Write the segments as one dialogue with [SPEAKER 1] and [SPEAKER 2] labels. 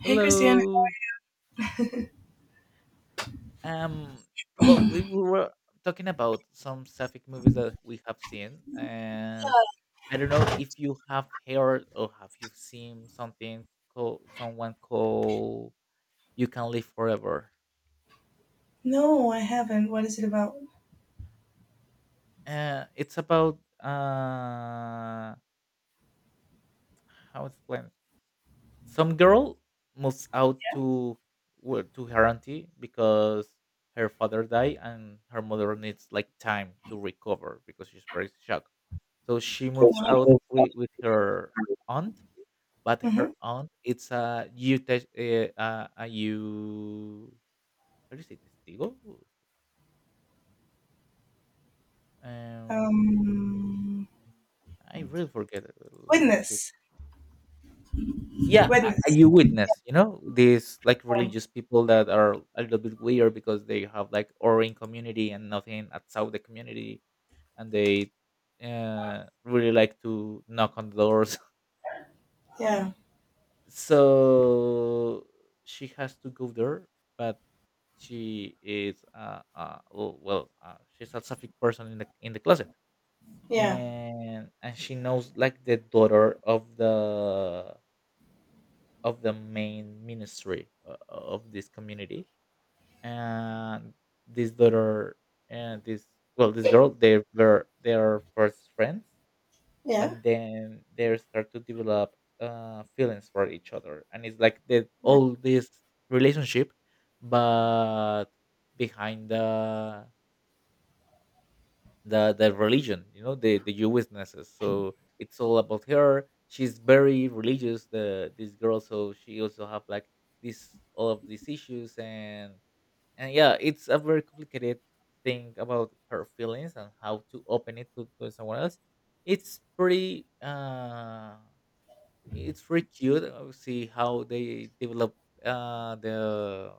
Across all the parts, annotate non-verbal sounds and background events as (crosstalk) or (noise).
[SPEAKER 1] Hey, Christiana.
[SPEAKER 2] Hello. Um. Well, we were talking about some sapphic movies that we have seen, and I don't know if you have heard or have you seen something called someone called "You Can Live Forever."
[SPEAKER 1] No, I haven't. What is it about?
[SPEAKER 2] It's about uh how it's explain. Some girl moves out to to her auntie because her father died and her mother needs like time to recover because she's very shocked. So she moves out with her aunt, but
[SPEAKER 1] Mm-hmm.
[SPEAKER 2] her aunt it's a a you, how do you say testigo? Um,
[SPEAKER 1] Um,
[SPEAKER 2] I really forget it. Let me see.
[SPEAKER 1] Witness.
[SPEAKER 2] Yeah, a
[SPEAKER 1] Witness.
[SPEAKER 2] you witness. You know these like religious people that are a little bit weird because they have like orange community and nothing outside the community, and they really like to knock on doors,
[SPEAKER 1] Yeah.
[SPEAKER 2] so she has to go there, but she is she's a sapphic person in the closet.
[SPEAKER 1] Yeah.
[SPEAKER 2] And she knows like the daughter of the main ministry of this community. And this daughter and this well, this girl, they were their first friends,
[SPEAKER 1] Yeah.
[SPEAKER 2] but then they start to develop feelings for each other, and it's like the
[SPEAKER 1] Yeah.
[SPEAKER 2] all this relationship, but behind the religion, you know, the Jewisnesses. So it's all about her. She's very religious, the this girl, so she also have like this all of these issues, and yeah, it's a very complicated thing about her feelings and how to open it to someone else. It's pretty uh it's pretty cute. See how they develop uh, the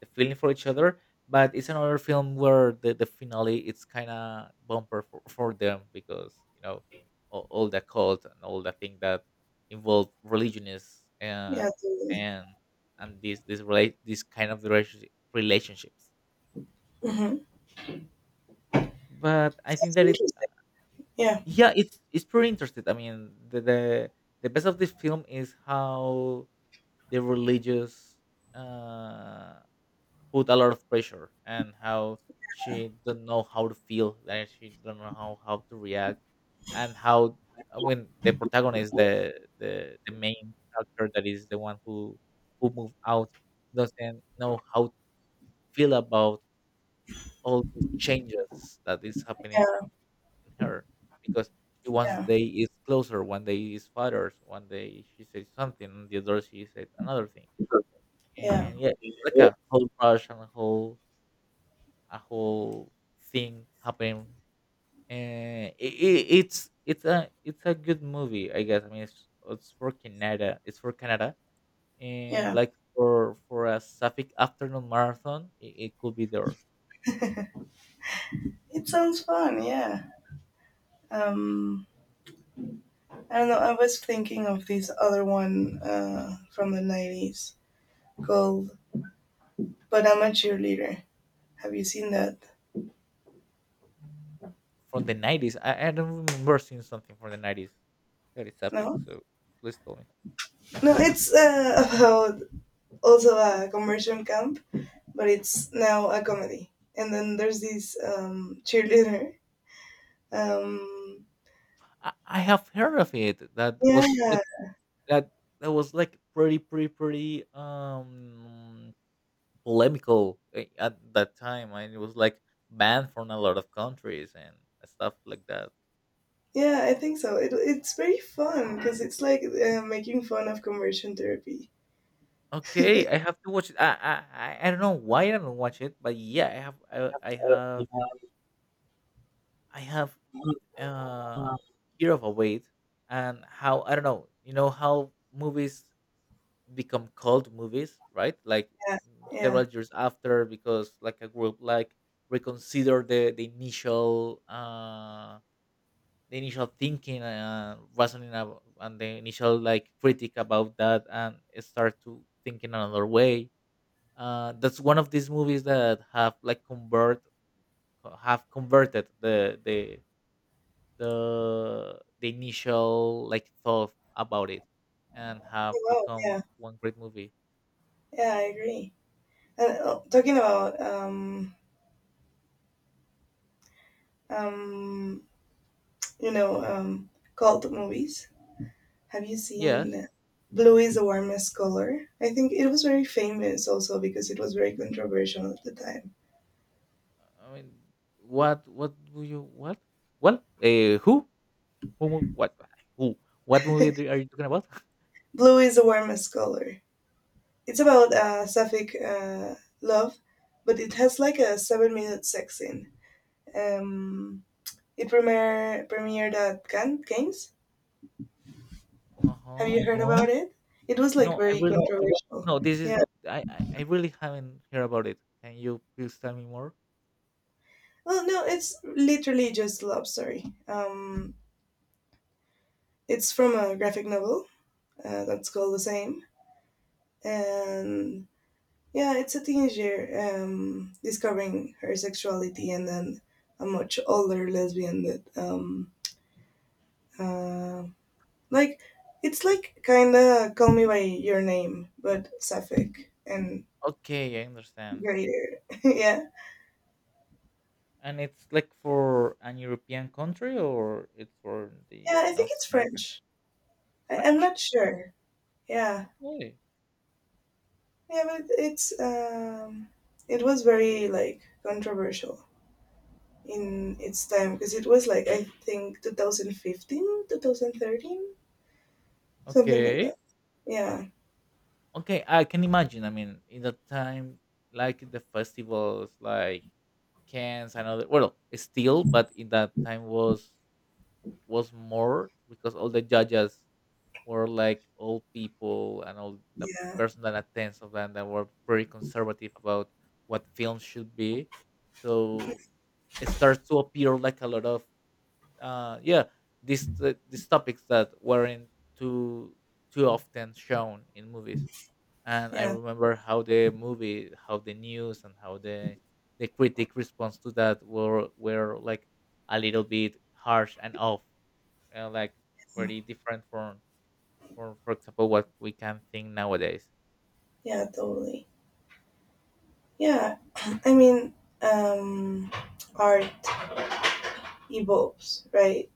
[SPEAKER 2] the feeling for each other. But it's another film where the finale it's kind of bumper for them because you know all the cult and all the thing that involve religion is uh,
[SPEAKER 1] Yeah. Totally.
[SPEAKER 2] and this kind of relationships,
[SPEAKER 1] Mm-hmm.
[SPEAKER 2] but I think
[SPEAKER 1] That's
[SPEAKER 2] that
[SPEAKER 1] interesting. Yeah.
[SPEAKER 2] yeah, it's pretty interesting. I mean, the best of this film is how the religious uh, put a lot of pressure, and how she don't know how to feel, and she don't know how to react, and how when the protagonist the main character that is the one who moved out doesn't know how to feel about all these changes that is happening
[SPEAKER 1] Yeah.
[SPEAKER 2] in her, because she one
[SPEAKER 1] Yeah.
[SPEAKER 2] day is closer, one day is father's, one day she says something and the other she said another thing.
[SPEAKER 1] Yeah.
[SPEAKER 2] And yeah, it's like a whole rush and a whole thing happening. And it's a it's a good movie, I guess. I mean, it's for Canada. It's for Canada, and
[SPEAKER 1] Yeah.
[SPEAKER 2] like for a Sapphic afternoon marathon, it could be there
[SPEAKER 1] It sounds fun. Yeah. Um, I don't know. I was thinking of this other one from the 90s called But I'm a Cheerleader. Have you seen that?
[SPEAKER 2] from the 90s. I don't remember seeing something from the 90s that is Sapphic.
[SPEAKER 1] No?
[SPEAKER 2] So please tell me.
[SPEAKER 1] No, it's about also a conversion camp, but it's now a comedy. And then there's this cheerleader. Um,
[SPEAKER 2] I have heard of it. That was
[SPEAKER 1] yeah,
[SPEAKER 2] like that that was like pretty pretty polemical, at that time, and it was like banned from a lot of countries and stuff like that.
[SPEAKER 1] yeah, I think so. It's very fun because it's like making fun of conversion therapy.
[SPEAKER 2] Okay, I have to watch it. I don't know why I don't watch it, but yeah, I
[SPEAKER 1] Yeah,
[SPEAKER 2] have I have uh fear of a weight. And how, I don't know, you know how movies become cult movies, right? Like
[SPEAKER 1] yeah.
[SPEAKER 2] several years after, because like a group like reconsider the initial the initial thinking wasn't enough, and the initial like critic about that, and start to thinking another way. That's one of these movies that have like convert have converted the the initial like thought about it, and have
[SPEAKER 1] Wow, yeah,
[SPEAKER 2] become one great movie.
[SPEAKER 1] yeah, I agree. And talking about um, you know, um, cult movies. Have you
[SPEAKER 2] Yes.
[SPEAKER 1] seen Blue is the Warmest Color? I think it was very famous also because it was very controversial at the time.
[SPEAKER 2] I mean, what do you what well who mo- what who what movie are you talking about? (laughs)
[SPEAKER 1] Blue is the Warmest Color. It's about sapphic love, but it has like a 7 minute sex scene. Um, it premiered at Cannes. Cannes. Have
[SPEAKER 2] Uh-huh.
[SPEAKER 1] you heard about it? It was like
[SPEAKER 2] no i
[SPEAKER 1] very, no,
[SPEAKER 2] will
[SPEAKER 1] controversial.
[SPEAKER 2] No, this is,
[SPEAKER 1] Yeah.
[SPEAKER 2] I really haven't heard about it. Can you please tell me more?
[SPEAKER 1] Well, no, it's literally just a love story. It's from a graphic novel that's called The Same, and, yeah, it's a teenager discovering her sexuality, and then a much older lesbian that, uh, like, it's like kind of Call Me by Your Name, but sapphic and
[SPEAKER 2] Okay, I understand.
[SPEAKER 1] greater. (laughs) Yeah,
[SPEAKER 2] And it's like for an European country, or it's for the
[SPEAKER 1] yeah, I think
[SPEAKER 2] North
[SPEAKER 1] it's
[SPEAKER 2] America?
[SPEAKER 1] French.
[SPEAKER 2] It's
[SPEAKER 1] I'm
[SPEAKER 2] French.
[SPEAKER 1] not sure. Yeah,
[SPEAKER 2] Okay.
[SPEAKER 1] yeah, but it's it was very like controversial in its time because it was like I think 2015, 2013, something like
[SPEAKER 2] Okay.
[SPEAKER 1] that. Yeah.
[SPEAKER 2] Okay, I can imagine. I mean, in that time, like the festivals, like Cannes and other, well, still, but in that time was more because all the judges were like old people, and all the
[SPEAKER 1] Yeah,
[SPEAKER 2] person that attends of them that were very conservative about what film should be. So it starts to appear like a lot of yeah, these topics that weren't too too often shown in movies. And I
[SPEAKER 1] yeah,
[SPEAKER 2] remember how the movie, how the news, and how the critic response to that were like a little bit harsh and off, like very different from for example what we can think nowadays.
[SPEAKER 1] yeah, totally. Yeah, (clears throat) I mean, um, art evolves, right,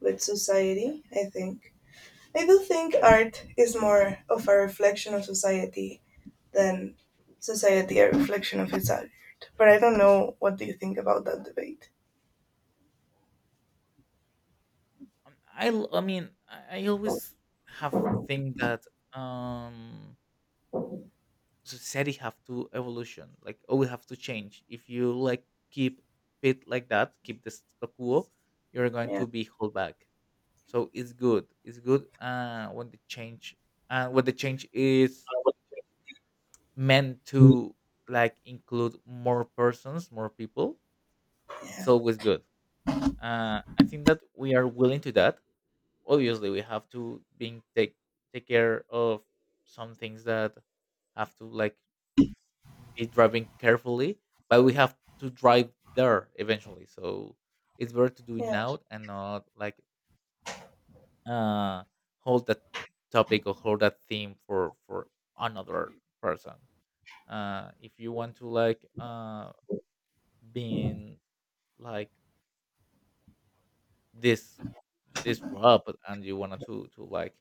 [SPEAKER 1] with society, I think. I do think art is more of a reflection of society than society a reflection of its art. But I don't know what do you think about that debate.
[SPEAKER 2] I I always have think that um society have to evolution, like we have to change. If you like keep it like that, keep the status quo, you're going
[SPEAKER 1] Yeah,
[SPEAKER 2] to be held back. So it's good, it's good when the change is meant to like include more persons, more people, it's
[SPEAKER 1] yeah,
[SPEAKER 2] always good. I think that we are willing to that. Obviously we have to being take take care of some things that have to like be driving carefully, but we have to drive there eventually. So it's better to do it
[SPEAKER 1] yeah,
[SPEAKER 2] now and not like uh hold that topic, or hold that theme for another person. If you want to like being like this disrupt, and you wanted to like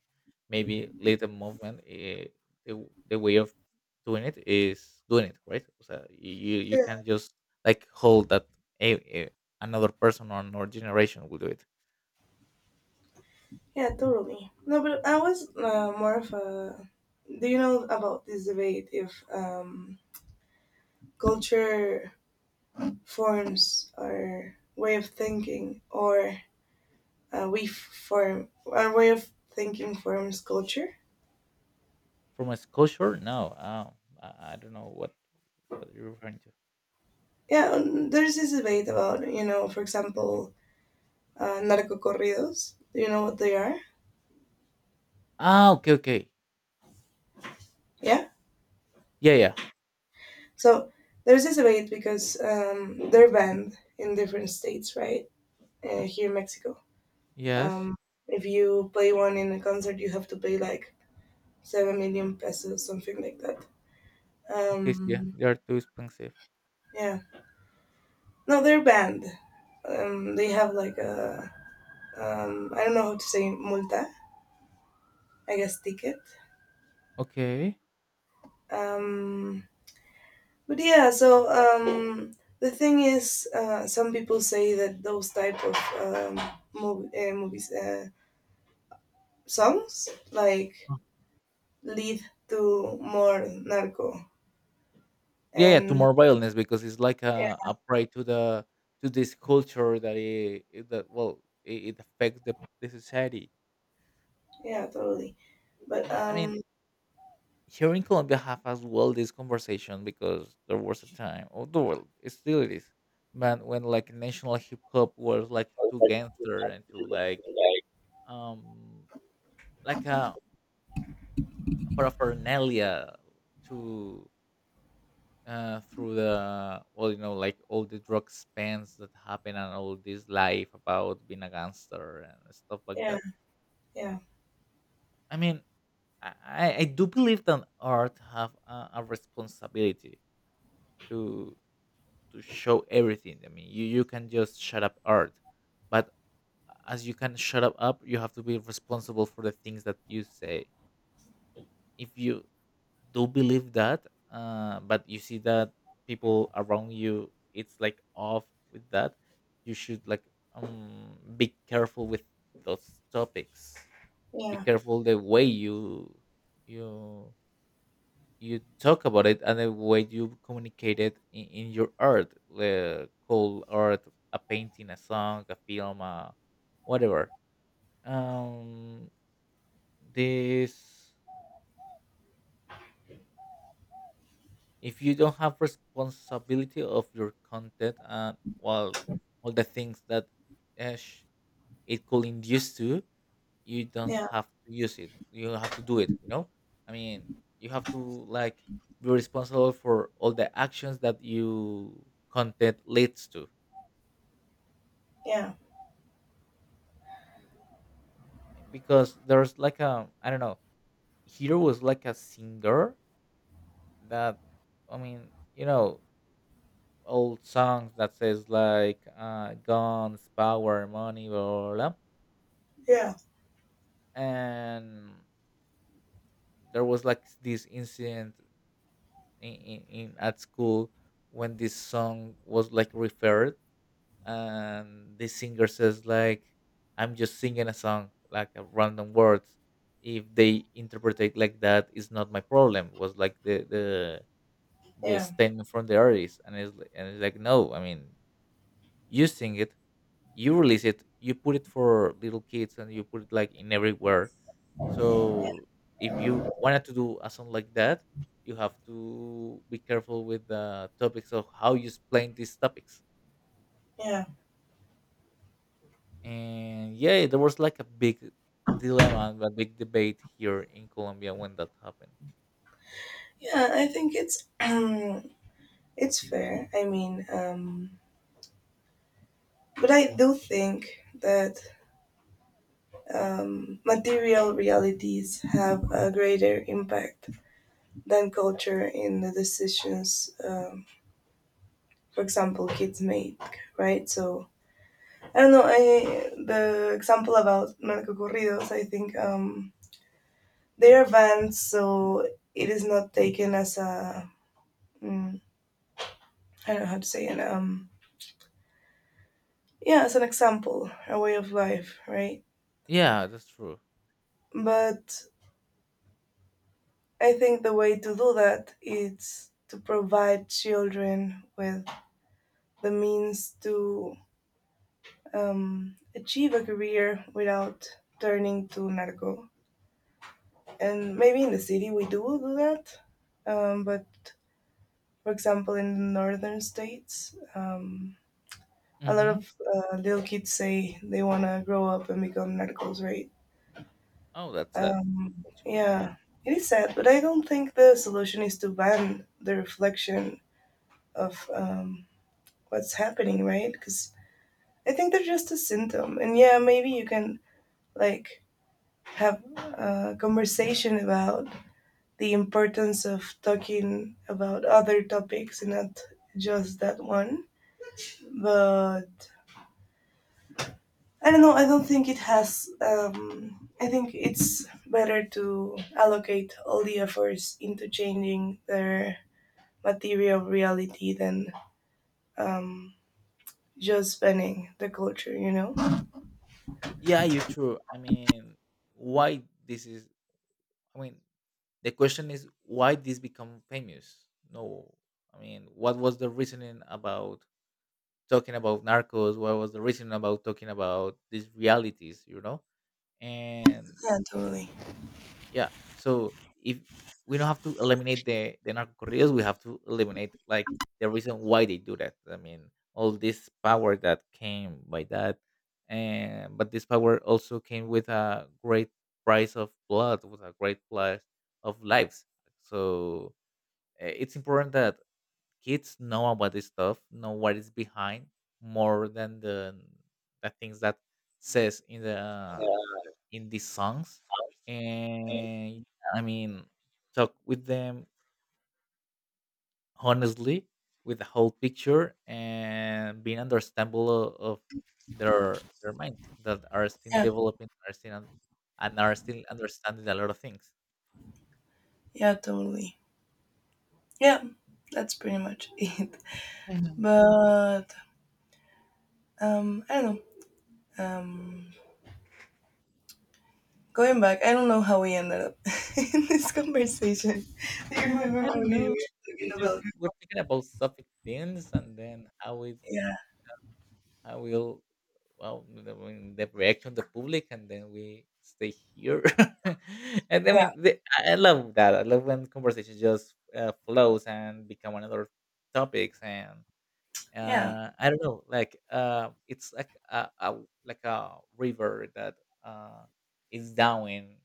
[SPEAKER 2] maybe lead the movement, the way of doing it is doing it right. So you
[SPEAKER 1] sure.
[SPEAKER 2] can't just like hold that a, a, another person or another generation will do it.
[SPEAKER 1] Yeah, totally. No, but I was more of a. Do you know about this debate if culture forms our way of thinking or we form our way of thinking forms culture?
[SPEAKER 2] From a sculpture? No, I don't know what you're referring to.
[SPEAKER 1] Yeah, there's this debate about, for example, narcocorridos. Do you know what they are?
[SPEAKER 2] Ah, okay, okay.
[SPEAKER 1] Yeah.
[SPEAKER 2] Yeah, yeah.
[SPEAKER 1] So there's this debate because they're banned in different states, right? Here in Mexico.
[SPEAKER 2] Yes.
[SPEAKER 1] um, if you play one in a concert you have to pay like 7 million pesos, something like that.
[SPEAKER 2] Okay, so yeah,
[SPEAKER 1] um,
[SPEAKER 2] they are too expensive.
[SPEAKER 1] yeah. No, they're banned. They have like a, I don't know how to say multa. I guess ticket.
[SPEAKER 2] Okay.
[SPEAKER 1] Um, but yeah, so the thing is, some people say that those type of um, movies, songs, like, lead to more narco.
[SPEAKER 2] Yeah, yeah, to
[SPEAKER 1] And
[SPEAKER 2] more violence, because it's like a prey to the to this culture that that well it affects the society.
[SPEAKER 1] yeah, totally. But
[SPEAKER 2] I mean, here in Colombia have as well this conversation, because there was a time, or the world it still it is, man, when like national hip hop was like too gangster and too um like a paraphernalia to through the, well, you know, like all the drug spans that happen and all this life about being a gangster and stuff like
[SPEAKER 1] yeah,
[SPEAKER 2] that.
[SPEAKER 1] yeah,
[SPEAKER 2] I mean, I do believe that art have a responsibility to to show everything. I mean, you can just shut up art, but as you can shut up up, you have to be responsible for the things that you say. If you do believe that but you see that people around you it's like off with that, you should like be careful with those topics, be
[SPEAKER 1] yeah,
[SPEAKER 2] careful the way you you you talk about it and the way you communicate it in your art, the call art, a painting, a song, a film, whatever. Um this If you don't have responsibility of your content, and well, all the things that uh, sh- it could induce to, you don't
[SPEAKER 1] yeah,
[SPEAKER 2] have to use it, you have to do it, you know. I mean, you have to like be responsible for all the actions that you content leads to,
[SPEAKER 1] yeah,
[SPEAKER 2] because there's like a, I don't know, here was like a singer that, I mean, you know, old songs that says like guns, power, money, blah, blah, blah.
[SPEAKER 1] yeah,
[SPEAKER 2] And there was like this incident in at school when this song was like referred, and the singer says like I'm just singing a song like a random words. If they interpret it like that, it's not my problem. Was like the the
[SPEAKER 1] yeah,
[SPEAKER 2] statement from the artist, and and it's like no. I mean, you sing it. You release it, you put it for little kids and you put it like in everywhere. So
[SPEAKER 1] yeah.
[SPEAKER 2] if you wanted to do a song like that, you have to be careful with the topics of how you explain these topics.
[SPEAKER 1] Yeah.
[SPEAKER 2] And yeah, there was like a big dilemma and a big debate here in Colombia when that happened.
[SPEAKER 1] Yeah, I think it's (clears throat) it's fair. I mean, but I do think that material realities have a greater impact than culture in the decisions, for example, kids make. Right? So I don't know. I the example about narcocorridos. I think they are banned, so it is not taken as a mm, I don't know how to say it. Yeah, as an example, a way of life, right?
[SPEAKER 2] Yeah, that's true.
[SPEAKER 1] But I think the way to do that is to provide children with the means to achieve a career without turning to narco. And maybe in the city we do do that, but for example, in the northern states, a lot
[SPEAKER 2] Hmm.
[SPEAKER 1] of little kids say they want to grow up and become narcos, right?
[SPEAKER 2] Oh, that's sad. That's really sad.
[SPEAKER 1] Yeah, it is sad, but I don't think the solution is to ban the reflection of what's happening, right? Because I think they're just a symptom. And yeah, maybe you can like have a conversation about the importance of talking about other topics and not just that one. But I don't know. I don't think it has. I think it's better to allocate all the efforts into changing their material reality than um, just banning the culture. You know?
[SPEAKER 2] Yeah, you're true. I mean, why this is, I mean, the question is why this become famous? No, I mean, what was the reasoning about talking about narcos? What was the reasoning about talking about these realities? You know, and
[SPEAKER 1] Yeah, totally.
[SPEAKER 2] yeah. So if we don't have to eliminate the narcocorridos, we have to eliminate like the reason why they do that. I mean, all this power that came by that, and but this power also came with a great price of blood, with a great price of lives. So it's important that kids know about this stuff, know what is behind more than the things that says in the
[SPEAKER 1] Yeah,
[SPEAKER 2] in these songs, and I mean talk with them honestly with the whole picture and being understandable of their minds that are still
[SPEAKER 1] yeah,
[SPEAKER 2] developing, are still un- and are still understanding a lot of things.
[SPEAKER 1] yeah, totally. Yeah, that's pretty much it.
[SPEAKER 2] I know.
[SPEAKER 1] (laughs) But I don't know. Um, Going back, I don't know how we ended up (laughs) in this conversation. (laughs) Do you
[SPEAKER 2] (laughs)
[SPEAKER 1] remember
[SPEAKER 2] I
[SPEAKER 1] what
[SPEAKER 2] don't
[SPEAKER 1] we
[SPEAKER 2] know, we
[SPEAKER 1] were talking about?
[SPEAKER 2] just were thinking about suffic things and then how it
[SPEAKER 1] Yeah,
[SPEAKER 2] I will well the, I mean, the reaction of the public, and then we stay here (laughs) and I mean I love that, I love when conversation just flows and become another topics. And
[SPEAKER 1] yeah,
[SPEAKER 2] I don't know, like it's like a like a river that uh, is down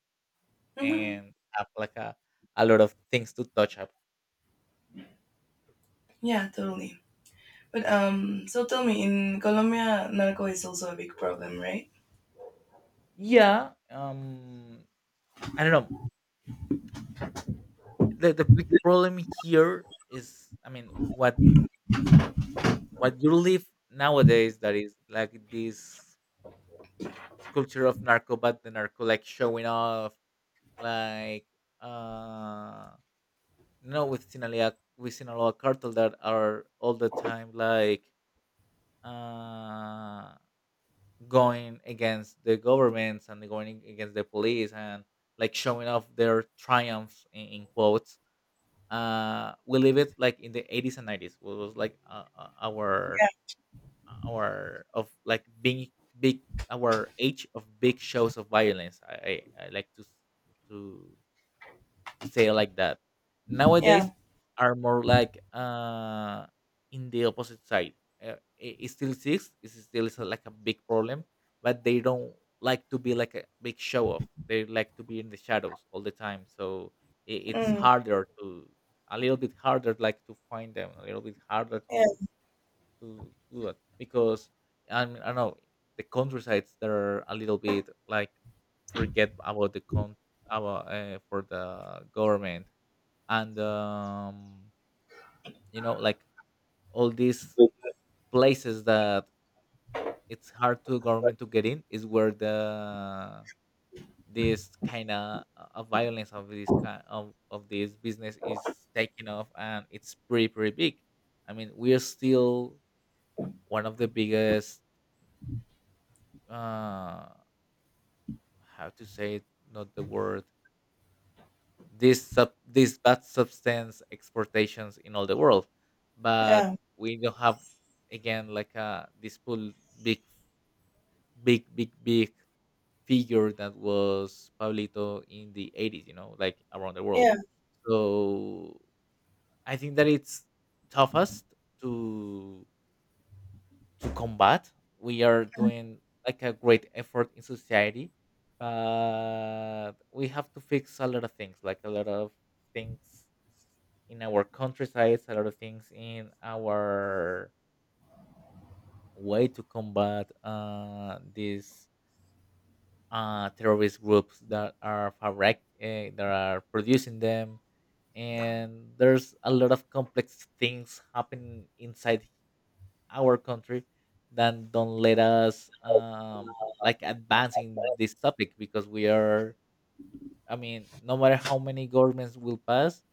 [SPEAKER 1] hmm
[SPEAKER 2] and have like a lot of things to touch up.
[SPEAKER 1] yeah, totally. But so tell me, in Colombia, narco is also a big problem, right?
[SPEAKER 2] Yeah. I don't know, the big problem here is, I mean, what you live nowadays that is like this culture of narco, but the narco like showing off, like, uh, you know, with Sinaloa cartel that are all the time like uh going against the governments and going against the police, and like showing off their triumphs in quotes. Uh, we live it like in the 80s and 90s. It was like
[SPEAKER 1] Yeah.
[SPEAKER 2] our of like being big, our age of big shows of violence. I like to to to say it like that.
[SPEAKER 1] Yeah.
[SPEAKER 2] Nowadays are more like in the opposite side. It still exists. It still is like a big problem, but they don't like to be like a big show off. They like to be in the shadows all the time. So it's
[SPEAKER 1] mm,
[SPEAKER 2] harder to, a little bit harder like to find them. A little bit harder
[SPEAKER 1] yeah,
[SPEAKER 2] to to do that because I don't know, the countrysides that are a little bit like forget about the con about for the government. And you know, like all these places that it's hard to government to get in is where the this kind of violence of this of this business is taking off, and it's pretty big. I mean, we're still one of the biggest, uh how to say it, not the word, this sub this bad substance exportations in all the world. But
[SPEAKER 1] yeah,
[SPEAKER 2] we don't have again like a this full big big figure that was Pablito in the 80s, you know, like around the world.
[SPEAKER 1] yeah,
[SPEAKER 2] So I think that it's toughest to combat. We are doing like a great effort in society, but we have to fix a lot of things, like a lot of things in our countrysides, a lot of things in our way to combat these terrorist groups that are fabric that are producing them. And there's a lot of complex things happening inside our country then don't let us like advance in this
[SPEAKER 1] (laughs)
[SPEAKER 2] topic, because we are, I mean, no matter how many governments will pass,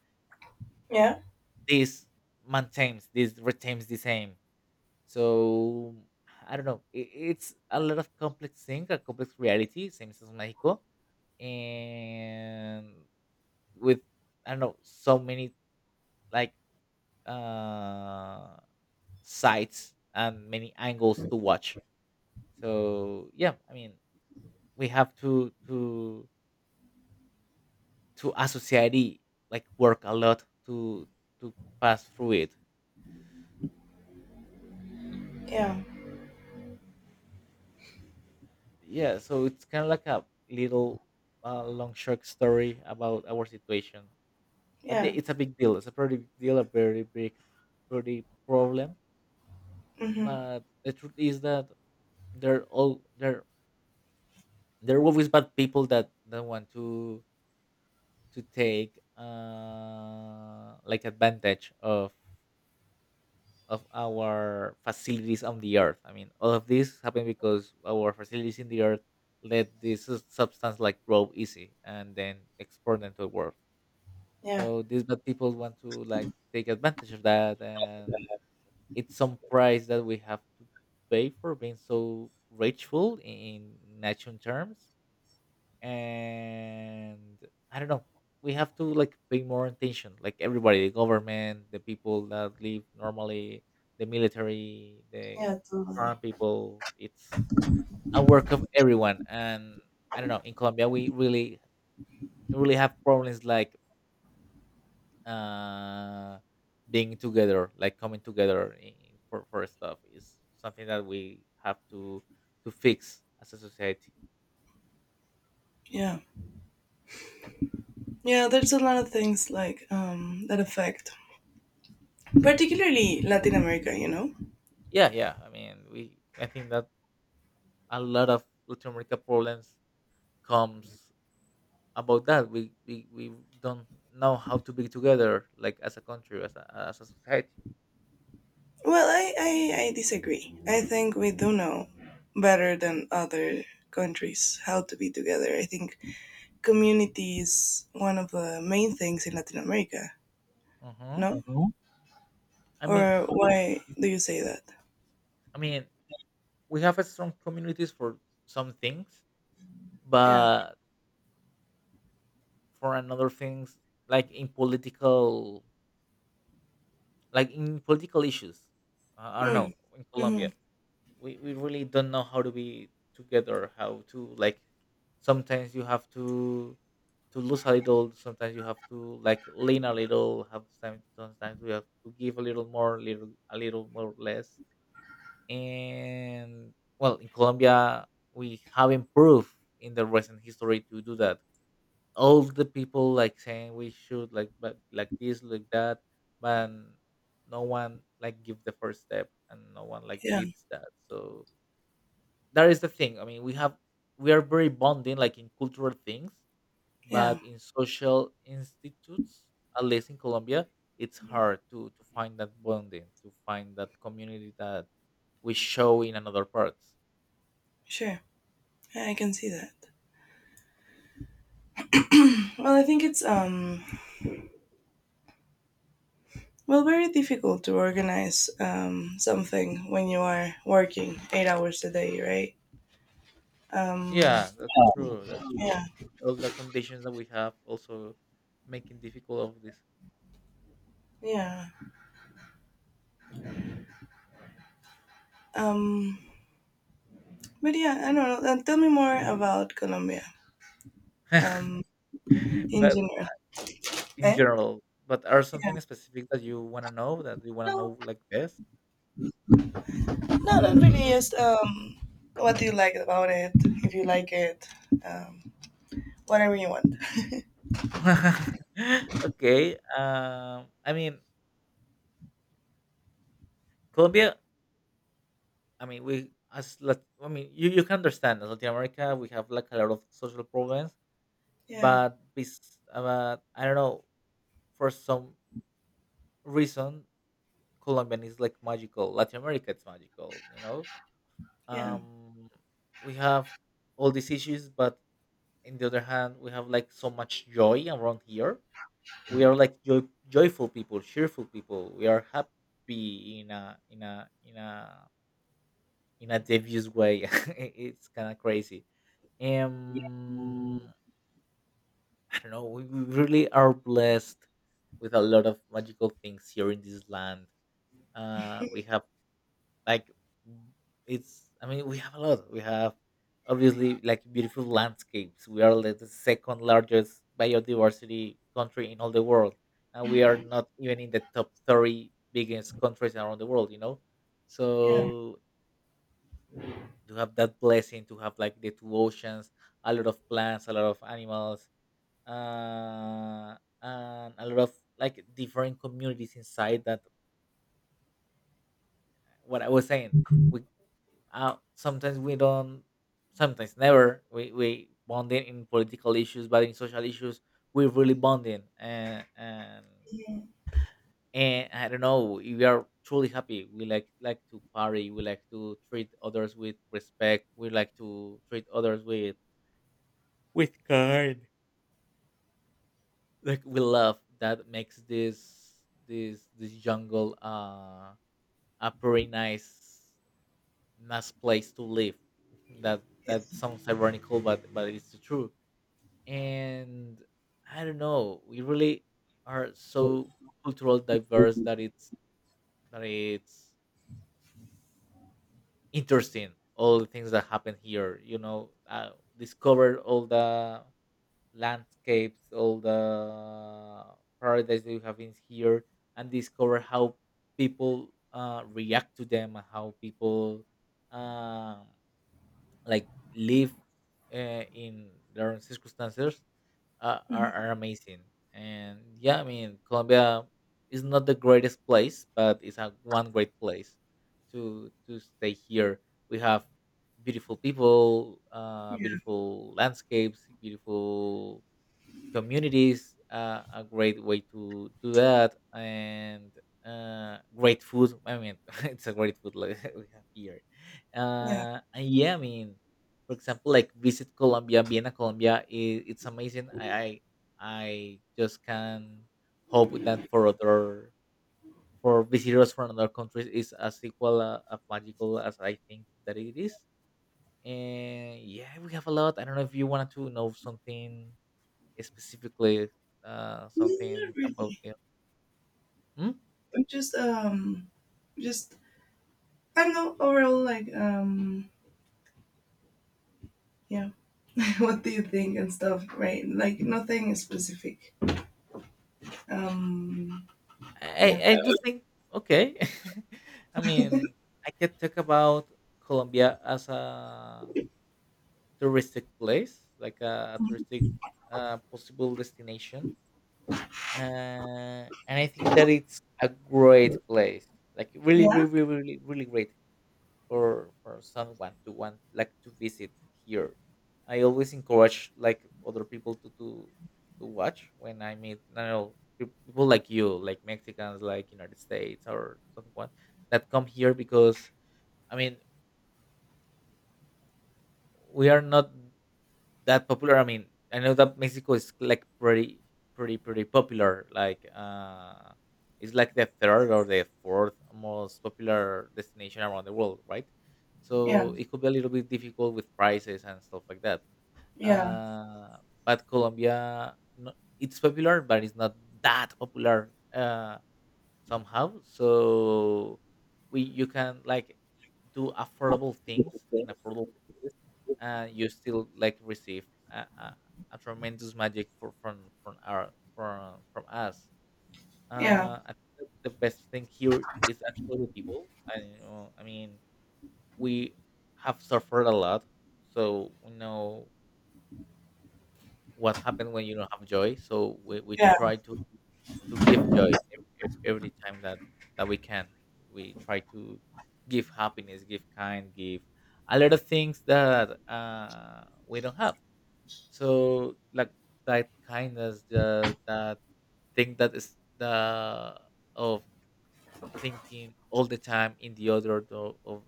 [SPEAKER 1] yeah,
[SPEAKER 2] this maintains, this retains the same. So I don't know, it's a lot of complex thing, a complex reality, same as Mexico. And with, I don't know, so many, like, uh sites and many angles to watch. So yeah, I mean, we have to associate it, like work a lot to to pass through it.
[SPEAKER 1] yeah,
[SPEAKER 2] Yeah. So it's kind of like a little long short story about our situation. But
[SPEAKER 1] yeah.
[SPEAKER 2] it's a big deal, it's a pretty big deal, a very big pretty problem.
[SPEAKER 1] Hmm.
[SPEAKER 2] But the truth is that they're all there there are always bad people that want to take like advantage of our facilities on the earth. I mean, all of this happened because our facilities in the earth let this substance like grow easy and then export them to the world.
[SPEAKER 1] Yeah.
[SPEAKER 2] So these bad people want to like take advantage of that, and it's some price that we have to pay for being so rageful in natural terms. And I don't know. We have to like pay more attention, like everybody, the government, the people that live normally, the military, the
[SPEAKER 1] Yeah, totally.
[SPEAKER 2] farm people. It's a work of everyone. And I don't know, in Colombia we really, really have problems like uh, being together, like coming together in, for stuff. Is something that we have to fix as a society.
[SPEAKER 1] Yeah. Yeah, there's a lot of things like that affect particularly Latin America, you know?
[SPEAKER 2] Yeah, yeah. I mean, we. I think that a lot of Latin America problems comes about that. We don't know how to be together, like as a country, as as a society.
[SPEAKER 1] Well, I disagree. I think we do know better than other countries how to be together. I think community is one of the main things in Latin America,
[SPEAKER 2] Hmm.
[SPEAKER 1] no? Mhm.
[SPEAKER 2] I mean,
[SPEAKER 1] Or why do you say that?
[SPEAKER 2] I mean, we have a strong communities for some things,
[SPEAKER 1] Yeah.
[SPEAKER 2] but for another things, like in political, like in political issues. I don't
[SPEAKER 1] Mm.
[SPEAKER 2] know, in
[SPEAKER 1] Mm-hmm.
[SPEAKER 2] Colombia, we really don't know how to be together, how to like, sometimes you have to lose a little, sometimes you have to like lean a little, have some, sometimes we have to give a little more little, a little more less. And, well, in Colombia we have improved in the recent history to do that. All the people like saying we should like but like this like that, but no one like give the first step and no one like
[SPEAKER 1] Yeah.
[SPEAKER 2] leads that. So that is the thing. I mean, we have, we are very bonding, like in cultural things,
[SPEAKER 1] Yeah.
[SPEAKER 2] but in social institutes, at least in Colombia, it's hard to find that bonding, to find that community that we show in another parts.
[SPEAKER 1] Sure. I can see that. Well, I think it's, well, very difficult to organize something when you are working 8 hours a day, right? Um,
[SPEAKER 2] Yeah, that's true. That's
[SPEAKER 1] yeah,
[SPEAKER 2] true. All the conditions that we have also making difficult of this.
[SPEAKER 1] yeah. Um, but yeah, I don't know. Tell me more about Colombia, um,
[SPEAKER 2] (laughs)
[SPEAKER 1] in
[SPEAKER 2] But
[SPEAKER 1] general.
[SPEAKER 2] in
[SPEAKER 1] Eh?
[SPEAKER 2] general, but are
[SPEAKER 1] Yeah.
[SPEAKER 2] something specific that you want to know, that you want to
[SPEAKER 1] No,
[SPEAKER 2] know like this?
[SPEAKER 1] no, not really. Just what do you like about it? If you like it, um, whatever you want.
[SPEAKER 2] (laughs) Okay, I mean, Colombia, I mean, we as I mean, you can understand as Latin America, we have like a lot of social problems.
[SPEAKER 1] Yeah,
[SPEAKER 2] But I don't know, for some reason, Colombian is like magical. Latin America is magical, you know.
[SPEAKER 1] yeah,
[SPEAKER 2] Um, we have all these issues, but in the other hand, we have like so much joy around here. We are like joy, joyful people, cheerful people, we are happy in a in a in a in a devious way. (laughs) It- it's kind of crazy.
[SPEAKER 1] yeah.
[SPEAKER 2] um
[SPEAKER 1] Mhm.
[SPEAKER 2] I don't know, we really are blessed with a lot of magical things here in this land. Uh, we have like, it's, I mean, we have a lot. We have obviously like beautiful landscapes, we are like the second largest biodiversity country in all the world, and we are not even in the top 30 biggest countries around the world, you know.
[SPEAKER 1] Yeah.
[SPEAKER 2] So to have that blessing, to have like the two oceans, a lot of plants, a lot of animals, uh and a lot of like different communities inside that, what I was saying. We, sometimes we don't, sometimes never. We bonding in political issues, but in social issues we're really bonding. And I don't know, we are truly happy. We like to party. We like to treat others with respect. We like to treat others with kind. Like we love that makes this this this jungle a pretty nice nice place to live. That that sounds ironical, but it's true. And I don't know, we really are so cultural diverse that it's interesting all the things that happen here. You know, discover all the landscapes, all the paradise that you have in here, and discover how people react to them, and how people. Um, like live in their circumstances,
[SPEAKER 1] Mhm.
[SPEAKER 2] are amazing. And yeah, I mean, Colombia is not the greatest place, but it's a one great place to stay here. We have beautiful people,
[SPEAKER 1] Yeah.
[SPEAKER 2] beautiful landscapes, beautiful communities, a great way to do that. And great food, I mean, (laughs) it's a great food like (laughs) we have here.
[SPEAKER 1] Yeah.
[SPEAKER 2] And yeah, I mean, for example, like visit Colombia, vienna Colombia, I it's amazing. I just can hope that for other, for visitors from other countries is as equal, as magical as I think that it is. And yeah, we have a lot. I don't know if you wanted to know something specifically,
[SPEAKER 1] Mm.
[SPEAKER 2] something
[SPEAKER 1] Not
[SPEAKER 2] about
[SPEAKER 1] really.
[SPEAKER 2] you. Hmm?
[SPEAKER 1] But just just I don't know, overall, like, yeah. (laughs) What do you think and stuff, right? Like, nothing specific. um
[SPEAKER 2] I,
[SPEAKER 1] yeah,
[SPEAKER 2] I do think, okay. (laughs) I mean, I could talk about Colombia as a touristic place, like a touristic possible destination, and I think that it's a great place, like really,
[SPEAKER 1] yeah,
[SPEAKER 2] really, really, really really great. Or for someone to want like to visit here. I always encourage like other people to to watch when I meet, you know, people like you, like Mexicans, like United States, or someone that come here. Because I mean, we are not that popular. I mean, I know that Mexico is like pretty, pretty, pretty popular. Like, it's like the third or the fourth most popular destination around the world, right?
[SPEAKER 1] yeah,
[SPEAKER 2] So it could be a little bit difficult with prices and stuff like that.
[SPEAKER 1] yeah,
[SPEAKER 2] Uh, but Colombia, no, it's popular, but it's not that popular. Somehow, so we, you can like do affordable things in affordable places and you still like receive a, a, a tremendous magic for, from our from us.
[SPEAKER 1] yeah,
[SPEAKER 2] Uh, I think that the best thing here is actually the people. I You know, I mean, we have suffered a lot, so we know what happened when you don't have joy. So we
[SPEAKER 1] yeah,
[SPEAKER 2] try to give joy every time that that we can. We try to give happiness, give kind, give a lot of things that we don't have. So like that kindness, the that thing that is the of thinking all the time in the other of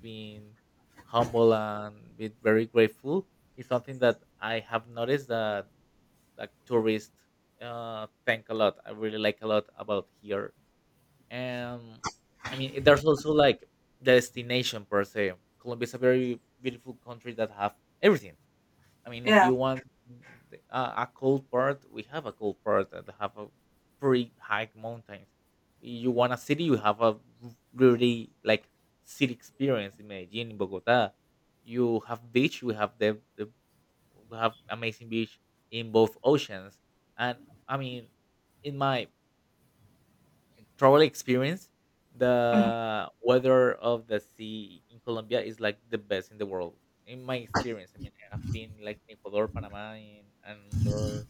[SPEAKER 2] being humble and be very grateful is something that I have noticed that like tourists thank a lot, I really like a lot about here. And I mean, there's also like the destination per se. Colombia is a very beautiful country that have everything. I mean, if
[SPEAKER 1] yeah.
[SPEAKER 2] you want the- a, a cold part, we have a cold part that have a pretty high mountains. You want a city, you have a really like city experience in Medellin, in Bogota. You have beach, we have the we have amazing beach in both oceans. And I mean, in my travel experience,
[SPEAKER 1] Mhm.
[SPEAKER 2] the weather of the sea in Colombia is like the best in the world. In my experience, I mean, I've been like in Ecuador, Panama, in, and other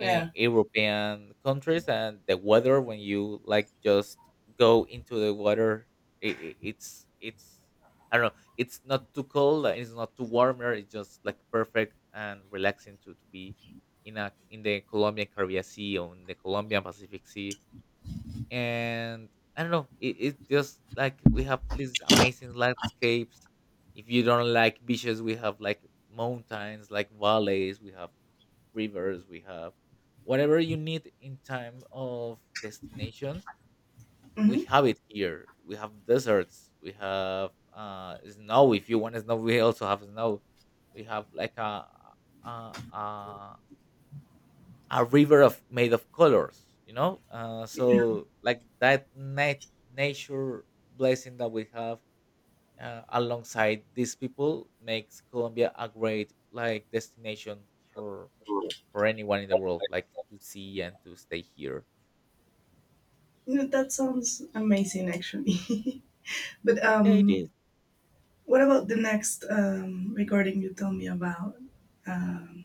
[SPEAKER 2] eh, European countries. And the weather when you like just go into the water, it's I don't know, it's not too cold, and it's not too warmer. It's just like perfect and relaxing to be in a in the Colombian Caribbean Sea or in the Colombian Pacific Sea. And I don't know, it's just like we have these amazing landscapes. If you don't like beaches, we have like mountains, like valleys, we have rivers, we have whatever you need in time of destinations. We
[SPEAKER 1] Hmm.
[SPEAKER 2] have it here. We have deserts. We have snow. If you want snow, we also have snow. We have like a, a a river of made of colors, you know. So like that nature blessing that we have, alongside these people, makes Colombia a great like destination for for anyone in the world like to see and to stay here.
[SPEAKER 1] Yeah, that sounds amazing, actually. (laughs) But
[SPEAKER 2] Yeah, it is.
[SPEAKER 1] what about the next recording you told me about? um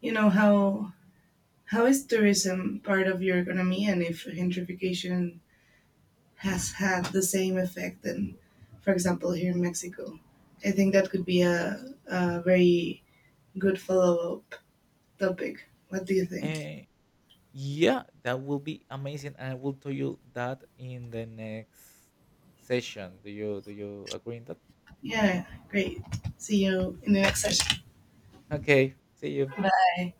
[SPEAKER 1] you know how How is tourism part of your economy, and if gentrification has had the same effect than, for example, here in Mexico? I think that could be a very good follow up topic. What do you think?
[SPEAKER 2] uh, yeah, that will be amazing, and I will tell you that in the next session. Do you do you agree in that?
[SPEAKER 1] Yeah, great. See you in the next session.
[SPEAKER 2] Okay, see you.
[SPEAKER 1] Bye.